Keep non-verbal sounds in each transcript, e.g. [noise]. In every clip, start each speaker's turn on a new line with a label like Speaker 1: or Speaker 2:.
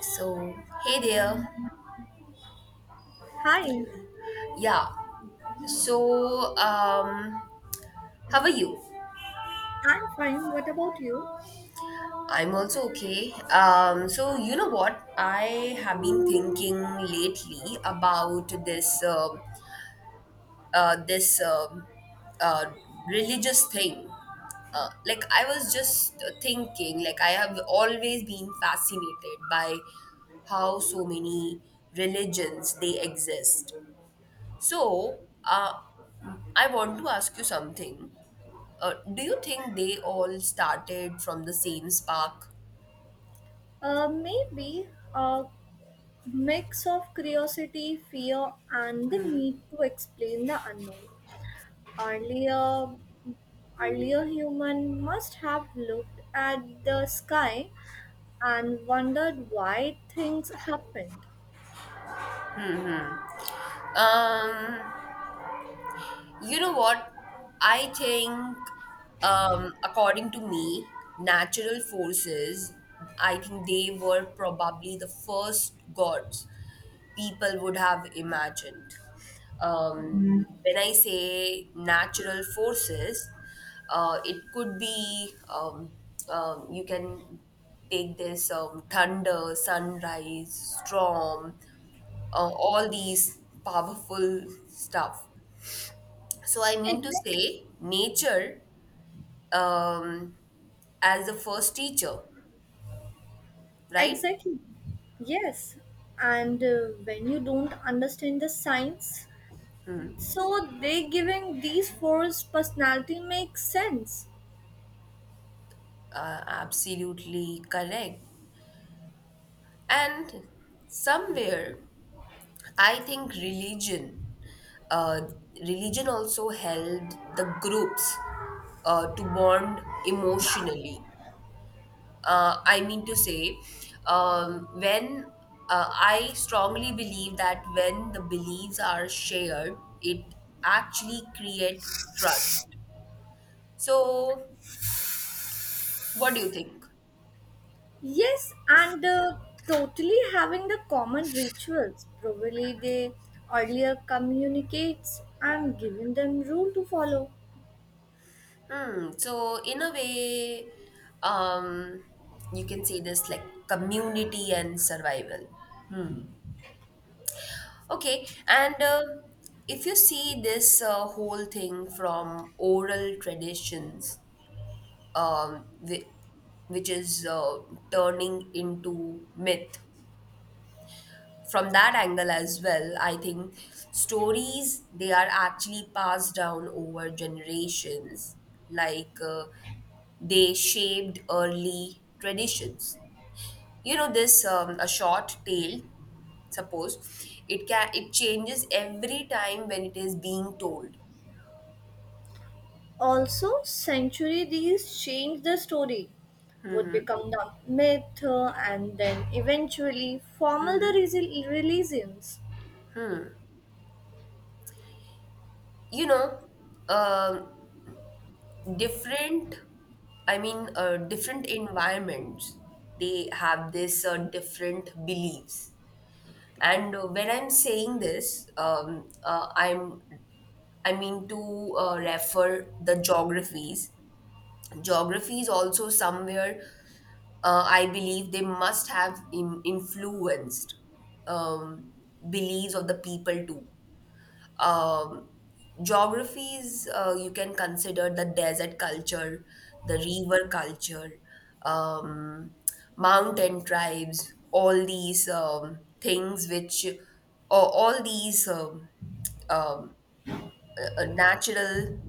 Speaker 1: So, hey there.
Speaker 2: Hi,
Speaker 1: Yeah. So, um, how are you?
Speaker 2: I'm fine. What about you?
Speaker 1: I'm also okay. So you know what? I have been thinking lately about this uh, religious thing. Like I was just thinking, like I have always been fascinated by how so many religions they exist. So, uh, I want to ask you something. Do you think they all started from the same spark?
Speaker 2: Maybe a mix of curiosity, fear, and the need to explain the unknown. Earlier, earlier human must have looked at the sky and wondered why things happened.
Speaker 1: Hmm. hmm. Um. You know what? I think, according to me, natural forces, I think they were probably the first gods people would have imagined. Um, when I say natural forces, it could be, you can take this thunder, sunrise, storm, all these powerful stuff, so I mean to
Speaker 2: Exactly.
Speaker 1: say, nature um, as the first teacher, right?
Speaker 2: Exactly. Yes, and when you don't understand the science, so they giving these force personality makes sense.
Speaker 1: Absolutely correct. And somewhere, I think uh, religion also helped the groups to bond emotionally. I mean to say, when I strongly believe that when the beliefs are shared, it actually create trust. So, what do you think?
Speaker 2: Yes, and totally having the common rituals. Probably they earlier communicates and giving them rule to follow.
Speaker 1: Hmm. So, in a way, um, you can say this like community and survival. Okay, and if you see this whole thing from oral traditions, um, whi- which is turning into myth. From that angle as well, I think stories they are actually passed down over generations, like uh, they shaped early traditions. You know this, a short tale. Suppose it can it changes every time when it is being told.
Speaker 2: Also, century these change the story, would become the myth and then eventually formal the religions.
Speaker 1: You know. um Different different environments they have this different beliefs, and when I'm saying this, I mean to refer the geographies. Geographies also somewhere, I believe they must have influenced um, beliefs of the people too. um, Geographies, you can consider the desert culture, the river culture, um, mountain tribes, all these things which, or all these um, natural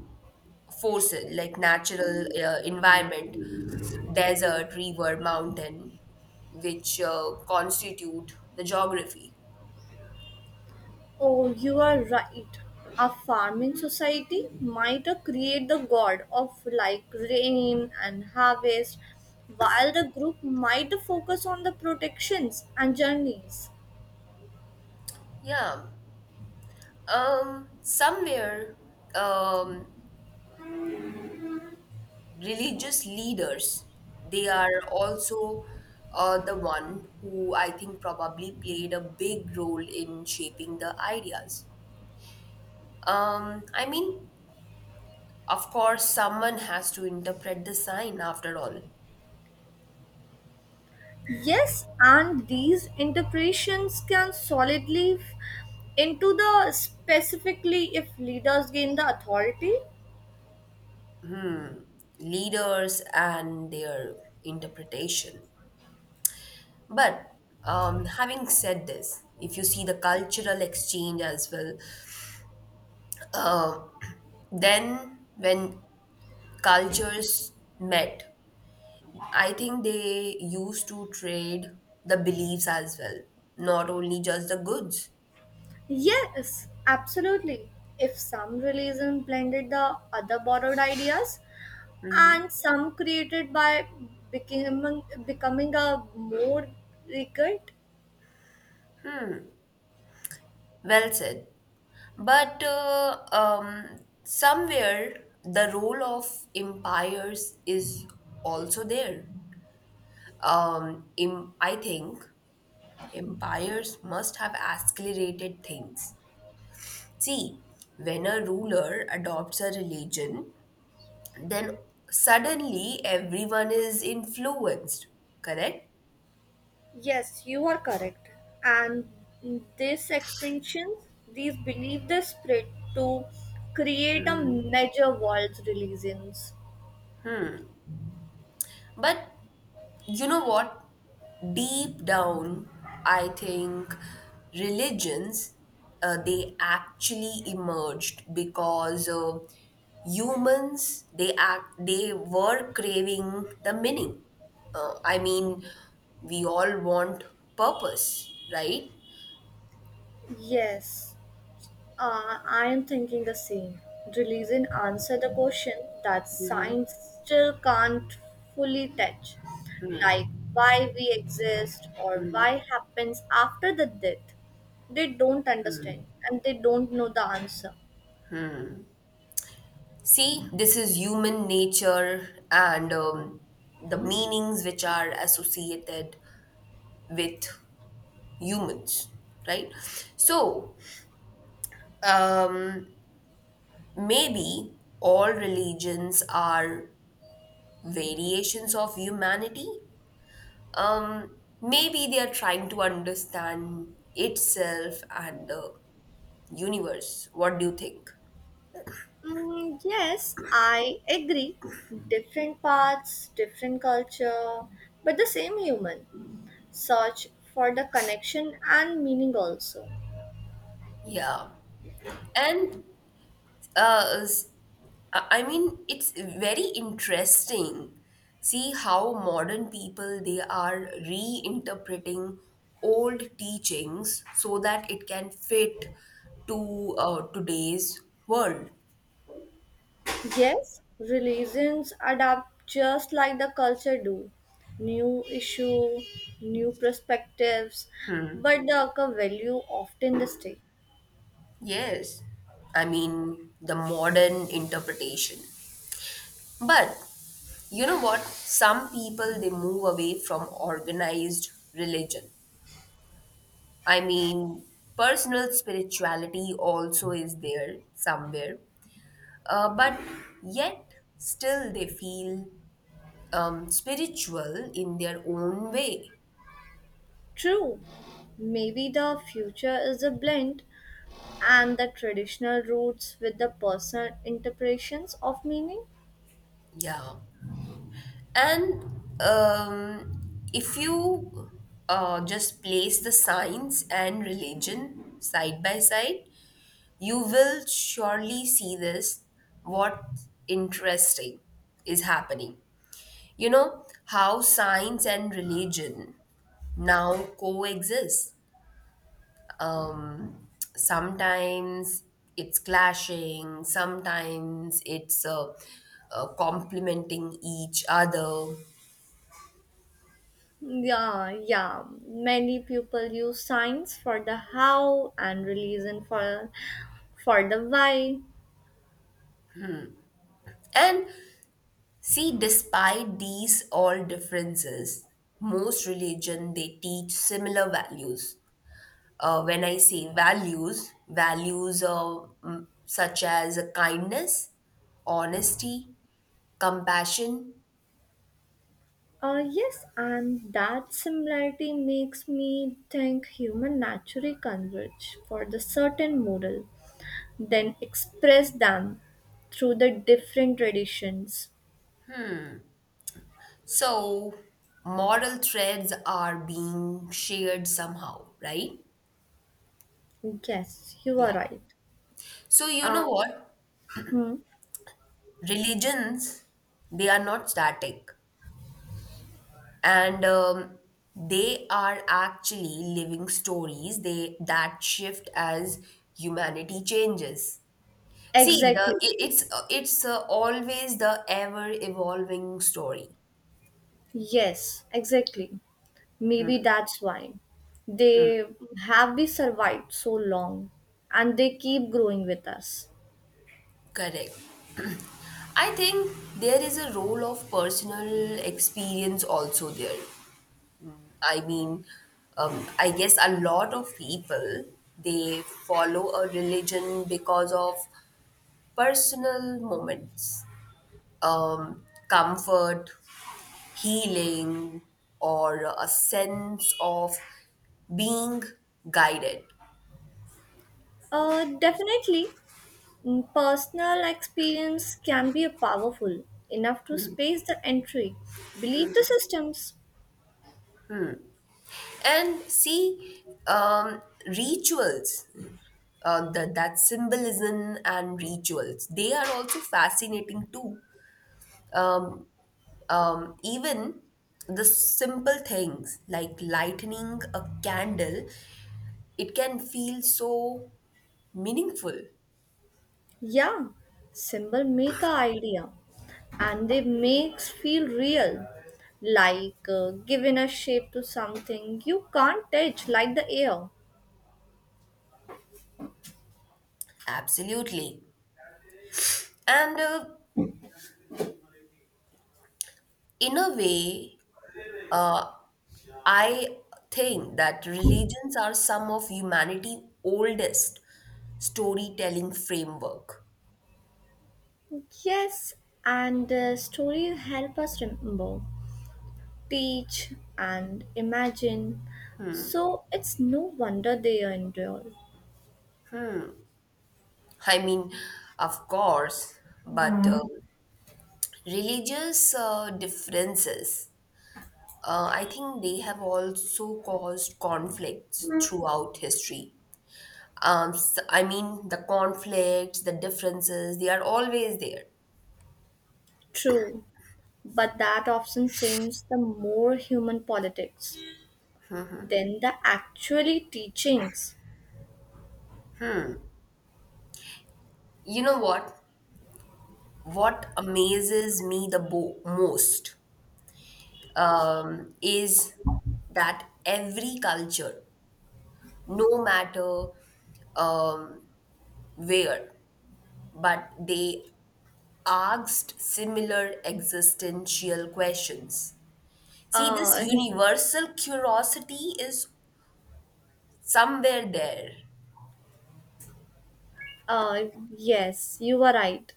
Speaker 1: forces, like natural environment, desert, river, mountain, which constitute the geography.
Speaker 2: Oh, you are right. A farming society might create the god of like rain and harvest, while the group might focus on the protections and journeys.
Speaker 1: Yeah. Somewhere, um, religious leaders they are also the one who I think probably played a big role in shaping the ideas. I mean, of course someone has to interpret the sign after all.
Speaker 2: Yes, and these interpretations can solidly into the specifically if leaders gain the authority.
Speaker 1: Leaders and their interpretation, but having said this, if you see the cultural exchange as well, then when cultures met, I think they used to trade the beliefs as well, not only just the goods.
Speaker 2: Yes, absolutely. If some religion blended the other borrowed ideas, and some created by becoming a more rigid.
Speaker 1: Well said. But somewhere the role of empires is also there. I think empires must have accelerated things. See, when a ruler adopts a religion, then suddenly everyone is influenced, correct?
Speaker 2: Yes, you are correct. And these expansions, these believe the spread to create a major world religions.
Speaker 1: But you know what? Deep down, I think religions, they actually emerged because humans they act they were craving the meaning. I mean, we all want purpose, right?
Speaker 2: Yes. I am thinking the same. Religion answer the question that science still can't fully touch, like why we exist or why happens after the death. They don't understand and they don't know the answer.
Speaker 1: See, this is human nature, and the meanings which are associated with humans, right? So, um, maybe all religions are variations of humanity. Maybe they are trying to understand itself and the universe. What do you think?
Speaker 2: Mm, yes, I agree. Different paths, different culture, but the same human. Search for the connection and meaning also.
Speaker 1: Yeah. And uh, s- I mean, it's very interesting. See how modern people they are reinterpreting old teachings so that it can fit to today's world.
Speaker 2: Yes, religions adapt just like the culture do. New issue, new perspectives, but the core value often the same.
Speaker 1: Yes, I mean the modern interpretation. But you know what? Some people they move away from organized religion. I mean, personal spirituality also is there somewhere. But yet, still they feel spiritual in their own way.
Speaker 2: True. Maybe the future is a blend and the traditional roots with the personal interpretations of meaning.
Speaker 1: Yeah. And if you just place the science and religion side by side, you will surely see this what interesting is happening. You know how science and religion now coexist. Um, Sometimes it's clashing, sometimes it's complementing each other.
Speaker 2: Yeah, yeah. Many people use science for the how and religion for the why.
Speaker 1: And see, despite these all differences, most religion they teach similar values. When I say values, values such as kindness, honesty, compassion.
Speaker 2: Yes, and that similarity makes me think human naturally converge for the certain model, then express them through the different traditions.
Speaker 1: So moral threads are being shared somehow, right?
Speaker 2: Yes, you are
Speaker 1: Yeah.
Speaker 2: right.
Speaker 1: So you
Speaker 2: Uh,
Speaker 1: know what?
Speaker 2: hmm,
Speaker 1: Religions they are not static. And they are actually living stories they that shift as humanity changes.
Speaker 2: exactly.
Speaker 1: It's always the ever evolving story,
Speaker 2: Yes, exactly. Maybe that's why they have we survived so long and they keep growing with us.
Speaker 1: correct? I think there is a role of personal experience also there. I mean, I guess a lot of people they follow a religion because of personal moments, comfort, healing, or a sense of being guided.
Speaker 2: Definitely. Mm, personal experience can be powerful enough to space the entry. Believe the systems.
Speaker 1: And see, rituals, that symbolism and rituals, they are also fascinating too. Um, Even the simple things like lightening a candle, it can feel so meaningful.
Speaker 2: Yeah, symbol make a idea, and they makes feel real, like giving a shape to something you can't touch, like the air.
Speaker 1: Absolutely. And in a way, I think that religions are some of humanity's oldest storytelling framework.
Speaker 2: Yes, and stories help us remember, teach, and imagine. So it's no wonder they endure.
Speaker 1: I mean, of course, but religious differences, I think they have also caused conflicts throughout history. S I mean, the conflicts, the differences, they are always there.
Speaker 2: True, but that often seems the more human politics than the actually teachings.
Speaker 1: You know what? What amazes me the most is that every culture, no matter um, where, but they asked similar existential questions. See, this
Speaker 2: Uh,
Speaker 1: universal curiosity is somewhere there.
Speaker 2: uh, yes, you are right.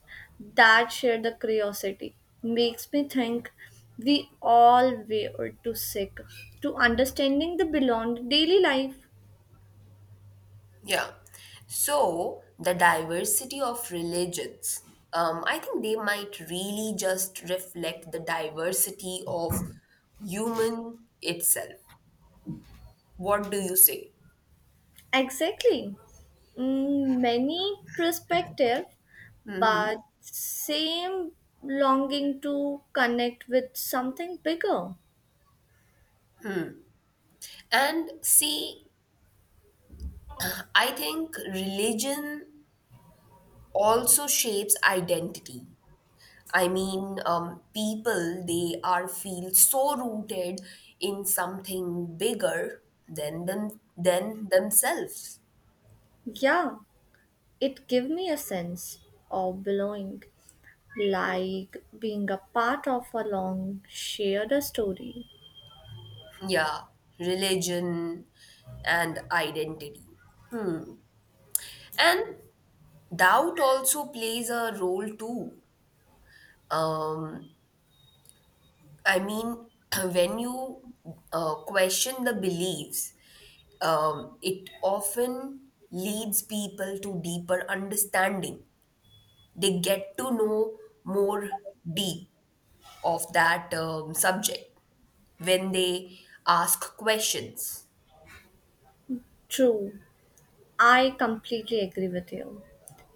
Speaker 2: That shared the curiosity makes me think we all were to seek to understanding the beyond daily life.
Speaker 1: Yeah. So, the diversity of religions, I think they might really just reflect the diversity of human itself. What do you say?
Speaker 2: Exactly. Mm, many perspective, but same longing to connect with something bigger.
Speaker 1: And see, I think religion also shapes identity. I mean, people, they are feel so rooted in something bigger than them than themselves.
Speaker 2: Yeah, it gave me a sense of belonging, like being a part of a long shared story.
Speaker 1: Yeah, religion and identity. Hmm. And doubt also plays a role too. Um, I mean, [clears throat] when you question the beliefs, it often leads people to deeper understanding. They get to know more deep of that subject when they ask questions.
Speaker 2: True, I completely agree with you.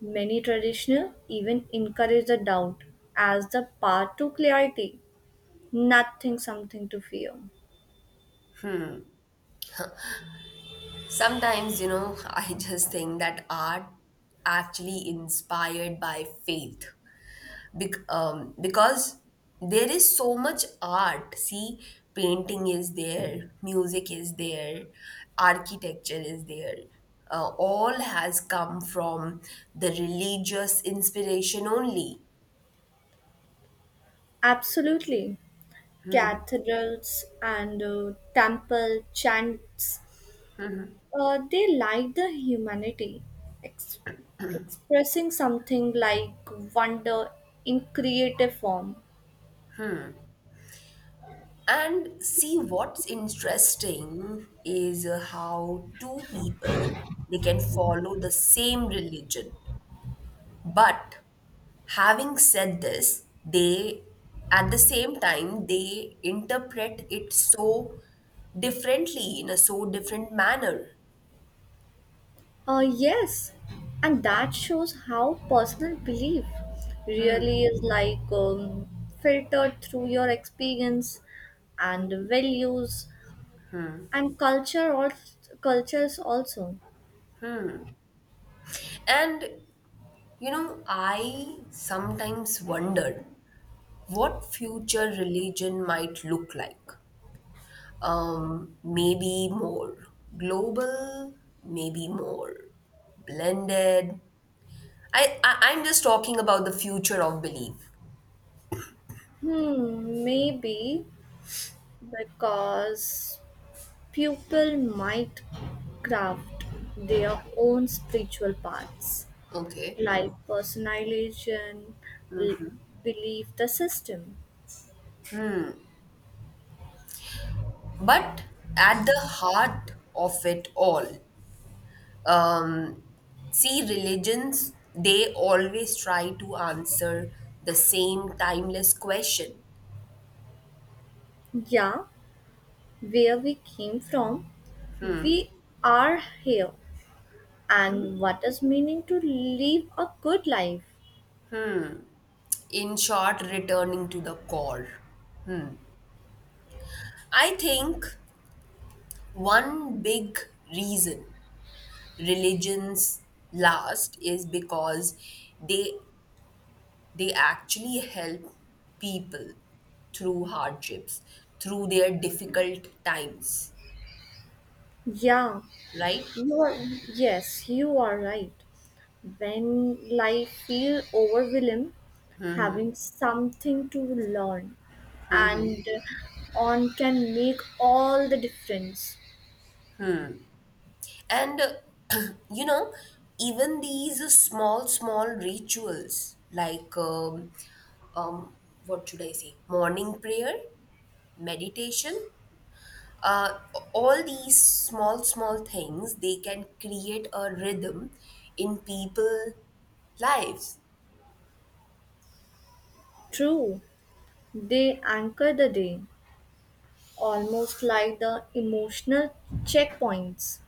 Speaker 2: Many traditional even encourage the doubt as the path to clarity, nothing something to fear.
Speaker 1: Sometimes, you know, [laughs] I just think that art actually inspired by faith, because there is so much art. See, painting is there, music is there, architecture is there. All has come from the religious inspiration only.
Speaker 2: Absolutely. Cathedrals and temple chants they like the humanity, ex- expressing something like wonder in creative form.
Speaker 1: And see, what's interesting is how two people they can follow the same religion, but having said this, they at the same time they interpret it so differently in a so different manner
Speaker 2: Yes, and that shows how personal belief really is like filtered through your experience and values and culture or cultures also.
Speaker 1: And you know, I sometimes wonder what future religion might look like. Maybe more global, maybe more blended. I I'm just talking about the future of belief,
Speaker 2: Hmm, maybe because people might craft their own spiritual paths,
Speaker 1: okay?
Speaker 2: like personalization, l- belief, the system.
Speaker 1: But at the heart of it all, um, see, religions, they always try to answer the same timeless question.
Speaker 2: Yeah, where we came from, we are here. And what does meaning to live a good life?
Speaker 1: In short, returning to the core. I think one big reason religions last is because they they actually help people through hardships, through their difficult times,
Speaker 2: Yeah,
Speaker 1: right?
Speaker 2: you are. Yes, you are right. When life feels overwhelming, having something to learn and on can make all the difference.
Speaker 1: And [clears throat] you know, even these small, small rituals like um, what should I say? Morning prayer, meditation. Uh, all these small, small things they can create a rhythm in people lives.
Speaker 2: True, they anchor the day, almost like the emotional checkpoints.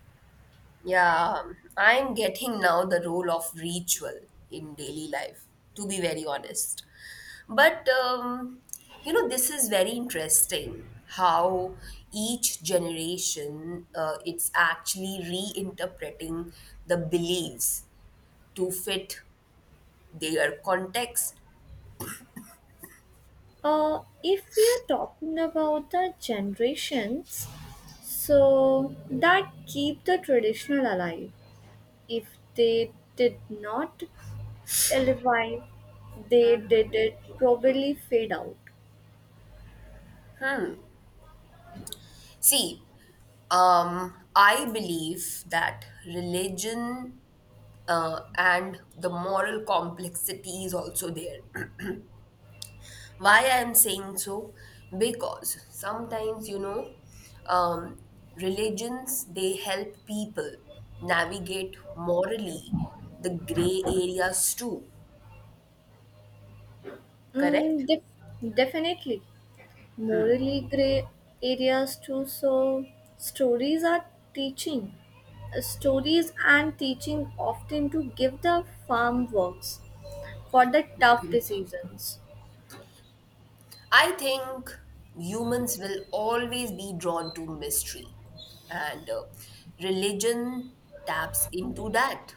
Speaker 1: Yeah, I'm getting now the role of ritual in daily life. To be very honest. But you know, this is very interesting how each generation it's actually reinterpreting the beliefs to fit their context.
Speaker 2: If we are talking about the generations, so that keep the traditional alive if they did not elevate, they did it probably fade out.
Speaker 1: See, I believe that religion and the moral complexity is also there. Why I'm saying so? Because sometimes you know, um, religions they help people navigate morally the gray areas too,
Speaker 2: Mm,
Speaker 1: correct?
Speaker 2: def- definitely. Morally gray areas too, so stories are teaching. Stories and teaching often to give the farm works for the tough decisions.
Speaker 1: I think humans will always be drawn to mystery, and religion taps into that.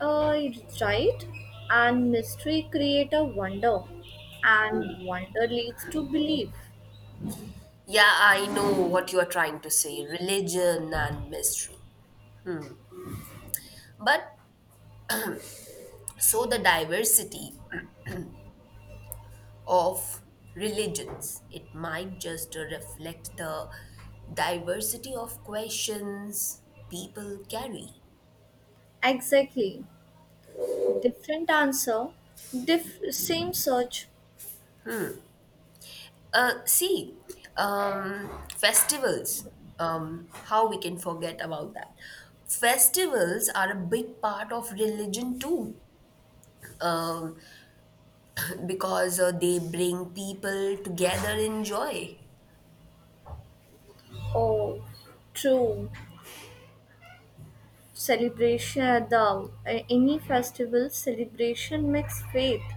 Speaker 2: Uh, right? And mystery create a wonder, and wonder leads to belief.
Speaker 1: Yeah, I know what you're trying to say, religion and mystery. But so the diversity of religions, it might just reflect the diversity of questions people carry.
Speaker 2: Exactly. Different answer, same search.
Speaker 1: See, festivals. How we can forget about that? Festivals are a big part of religion too, um, because they bring people together in joy.
Speaker 2: Oh, true. Celebration, the any festival celebration makes faith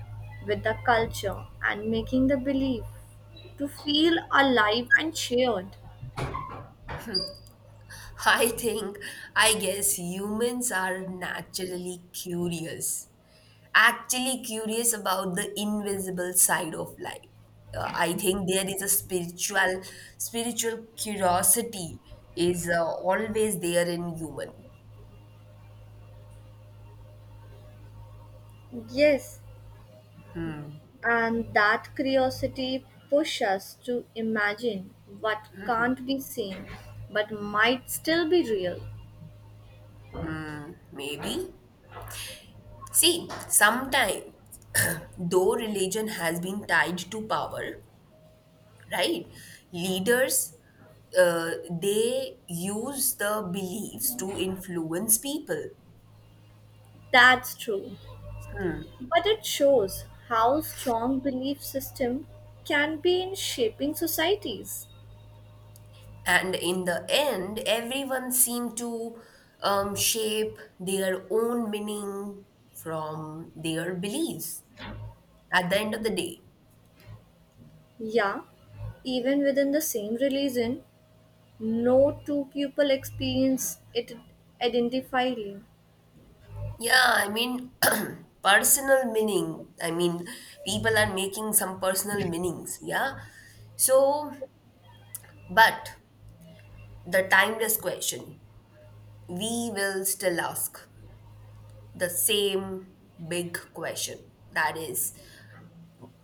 Speaker 2: with the culture and making the belief to feel alive and shared.
Speaker 1: [laughs] I think, I guess humans are naturally curious, actually curious about the invisible side of life. I think there is a spiritual curiosity is always there in human.
Speaker 2: Yes, and that curiosity pushes us to imagine what can't be seen but might still be real.
Speaker 1: Maybe see sometime, though religion has been tied to power, right? Leaders uh, they use the beliefs to influence people.
Speaker 2: That's true. But it shows how strong belief system can be in shaping societies.
Speaker 1: And in the end, everyone seemed to shape their own meaning from their beliefs at the end of the day.
Speaker 2: Yeah, even within the same religion, no two people experience it identically.
Speaker 1: Yeah, I mean, [clears throat] personal meaning. I mean, people are making some personal meanings. Yeah. So, but the timeless question, we will still ask the same big question. That is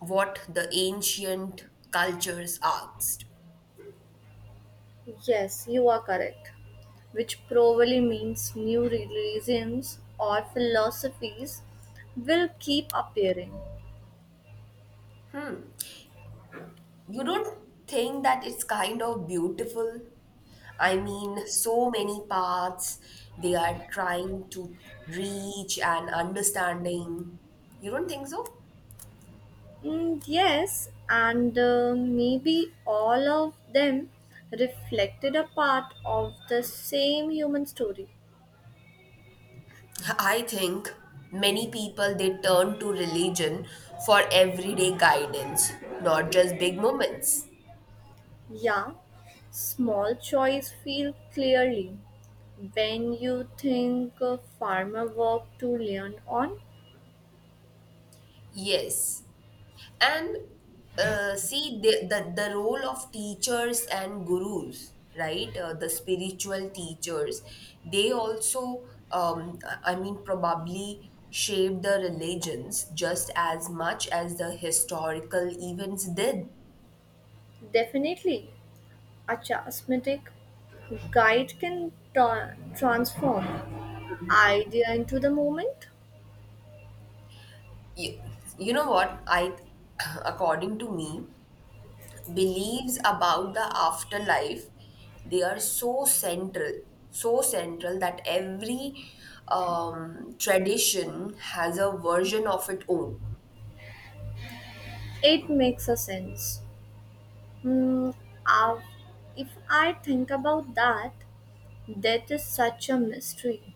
Speaker 1: what the ancient cultures asked.
Speaker 2: Yes, you are correct. Which probably means new religions or philosophies will keep appearing.
Speaker 1: You don't think that it's kind of beautiful? I mean, so many paths they are trying to reach and understanding. You don't think so?
Speaker 2: Mm, yes, and maybe all of them reflected a part of the same human story.
Speaker 1: I think many people they turn to religion for everyday guidance, not just big moments.
Speaker 2: Yeah, small choice feel clearly when you think of farmer work to learn on.
Speaker 1: Yes. And see the the role of teachers and gurus, right? The spiritual teachers, they also, um, I mean, probably shaped the religions just as much as the historical events did.
Speaker 2: Definitely, a charismatic guide can transform idea into the moment.
Speaker 1: You, you know what? [clears throat] According to me, beliefs about the afterlife they are so central, so central that every tradition has a version of its own.
Speaker 2: It makes a sense. Hmm, ah, if I think about that, death is such a mystery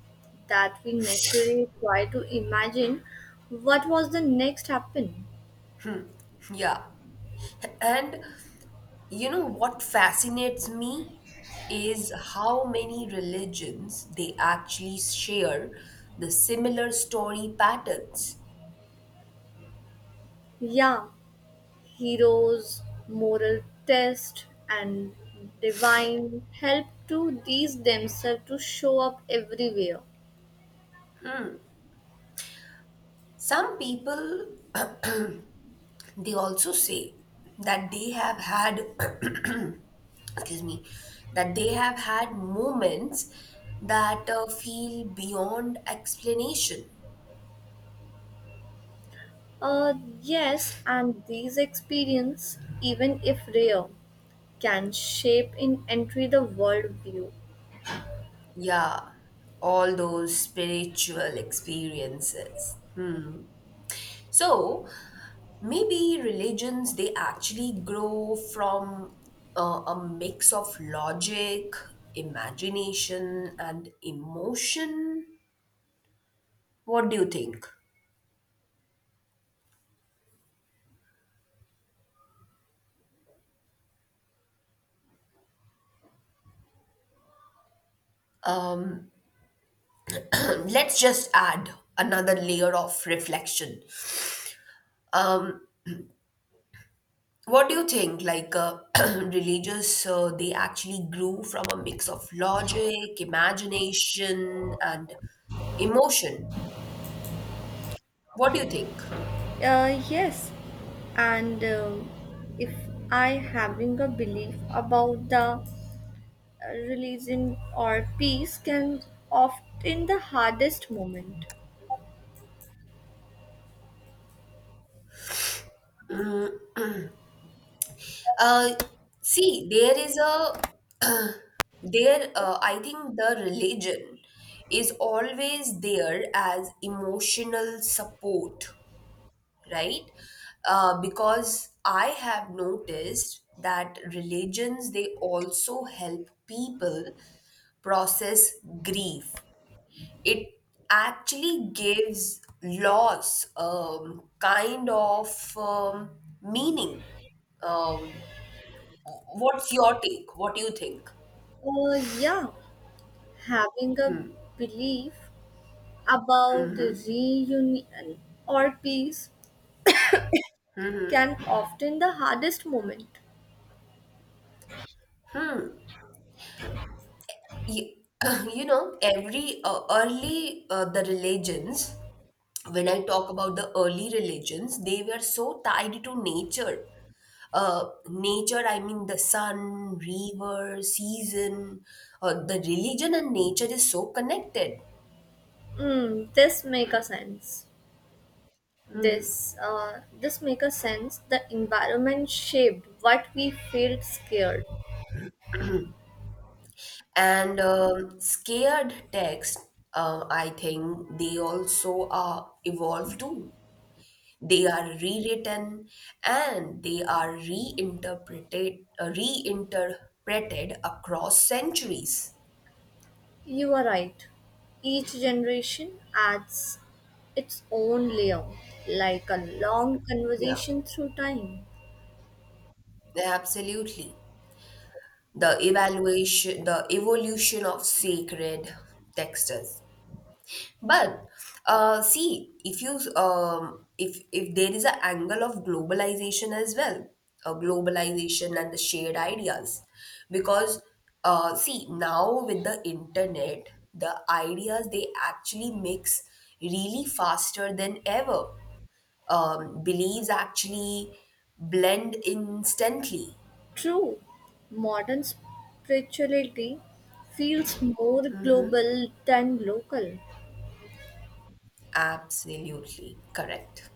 Speaker 2: that we naturally try to imagine what was the next happen.
Speaker 1: Yeah, and you know what fascinates me is how many religions they actually share the similar story patterns.
Speaker 2: Yeah, heroes, moral test, and divine help to these themselves to show up everywhere.
Speaker 1: Some people [clears throat] they also say that they have had [clears throat] excuse me, that they have had moments that feel beyond explanation.
Speaker 2: Uh, yes, and these experience, even if rare, can shape in entry the world view.
Speaker 1: Yeah, all those spiritual experiences. So maybe religions they actually grow from a mix of logic, imagination, and emotion. What do you think? [clears throat] Let's just add another layer of reflection. Um, what do you think? [clears throat] Religious, they actually grew from a mix of logic, imagination, and emotion. What do you think?
Speaker 2: Yes, and if I having a belief about the religion or peace can often the hardest moment.
Speaker 1: Uh, See, there is a there. I think the religion is always there as emotional support, right? Because I have noticed that religions they also help people process grief. It actually gives loss kind of meaning. Um, what's your take? What do you think?
Speaker 2: Yeah, having a belief about reunion or peace can often the hardest moment.
Speaker 1: Ye- [laughs] [clears throat] You know, every early the religions. When I talk about the early religions, they were so tied to nature. Nature, I mean the sun, river, season. The religion and nature is so connected.
Speaker 2: Mm, this make a sense. This this make a sense. The environment shaped what we felt scared.
Speaker 1: And scared text, I think they also are evolved too. They are rewritten and they are reinterpreted, reinterpreted across centuries.
Speaker 2: You are right. Each generation adds its own layer, like a long
Speaker 1: Yeah,
Speaker 2: conversation through time.
Speaker 1: absolutely. The evaluation, the evolution of sacred texts. But see, if you if there is an angle of globalization as well, globalization and the shared ideas, because see, now with the internet, the ideas they actually mix really faster than ever. Beliefs actually blend instantly.
Speaker 2: True, modern spirituality feels more global than local.
Speaker 1: Absolutely correct.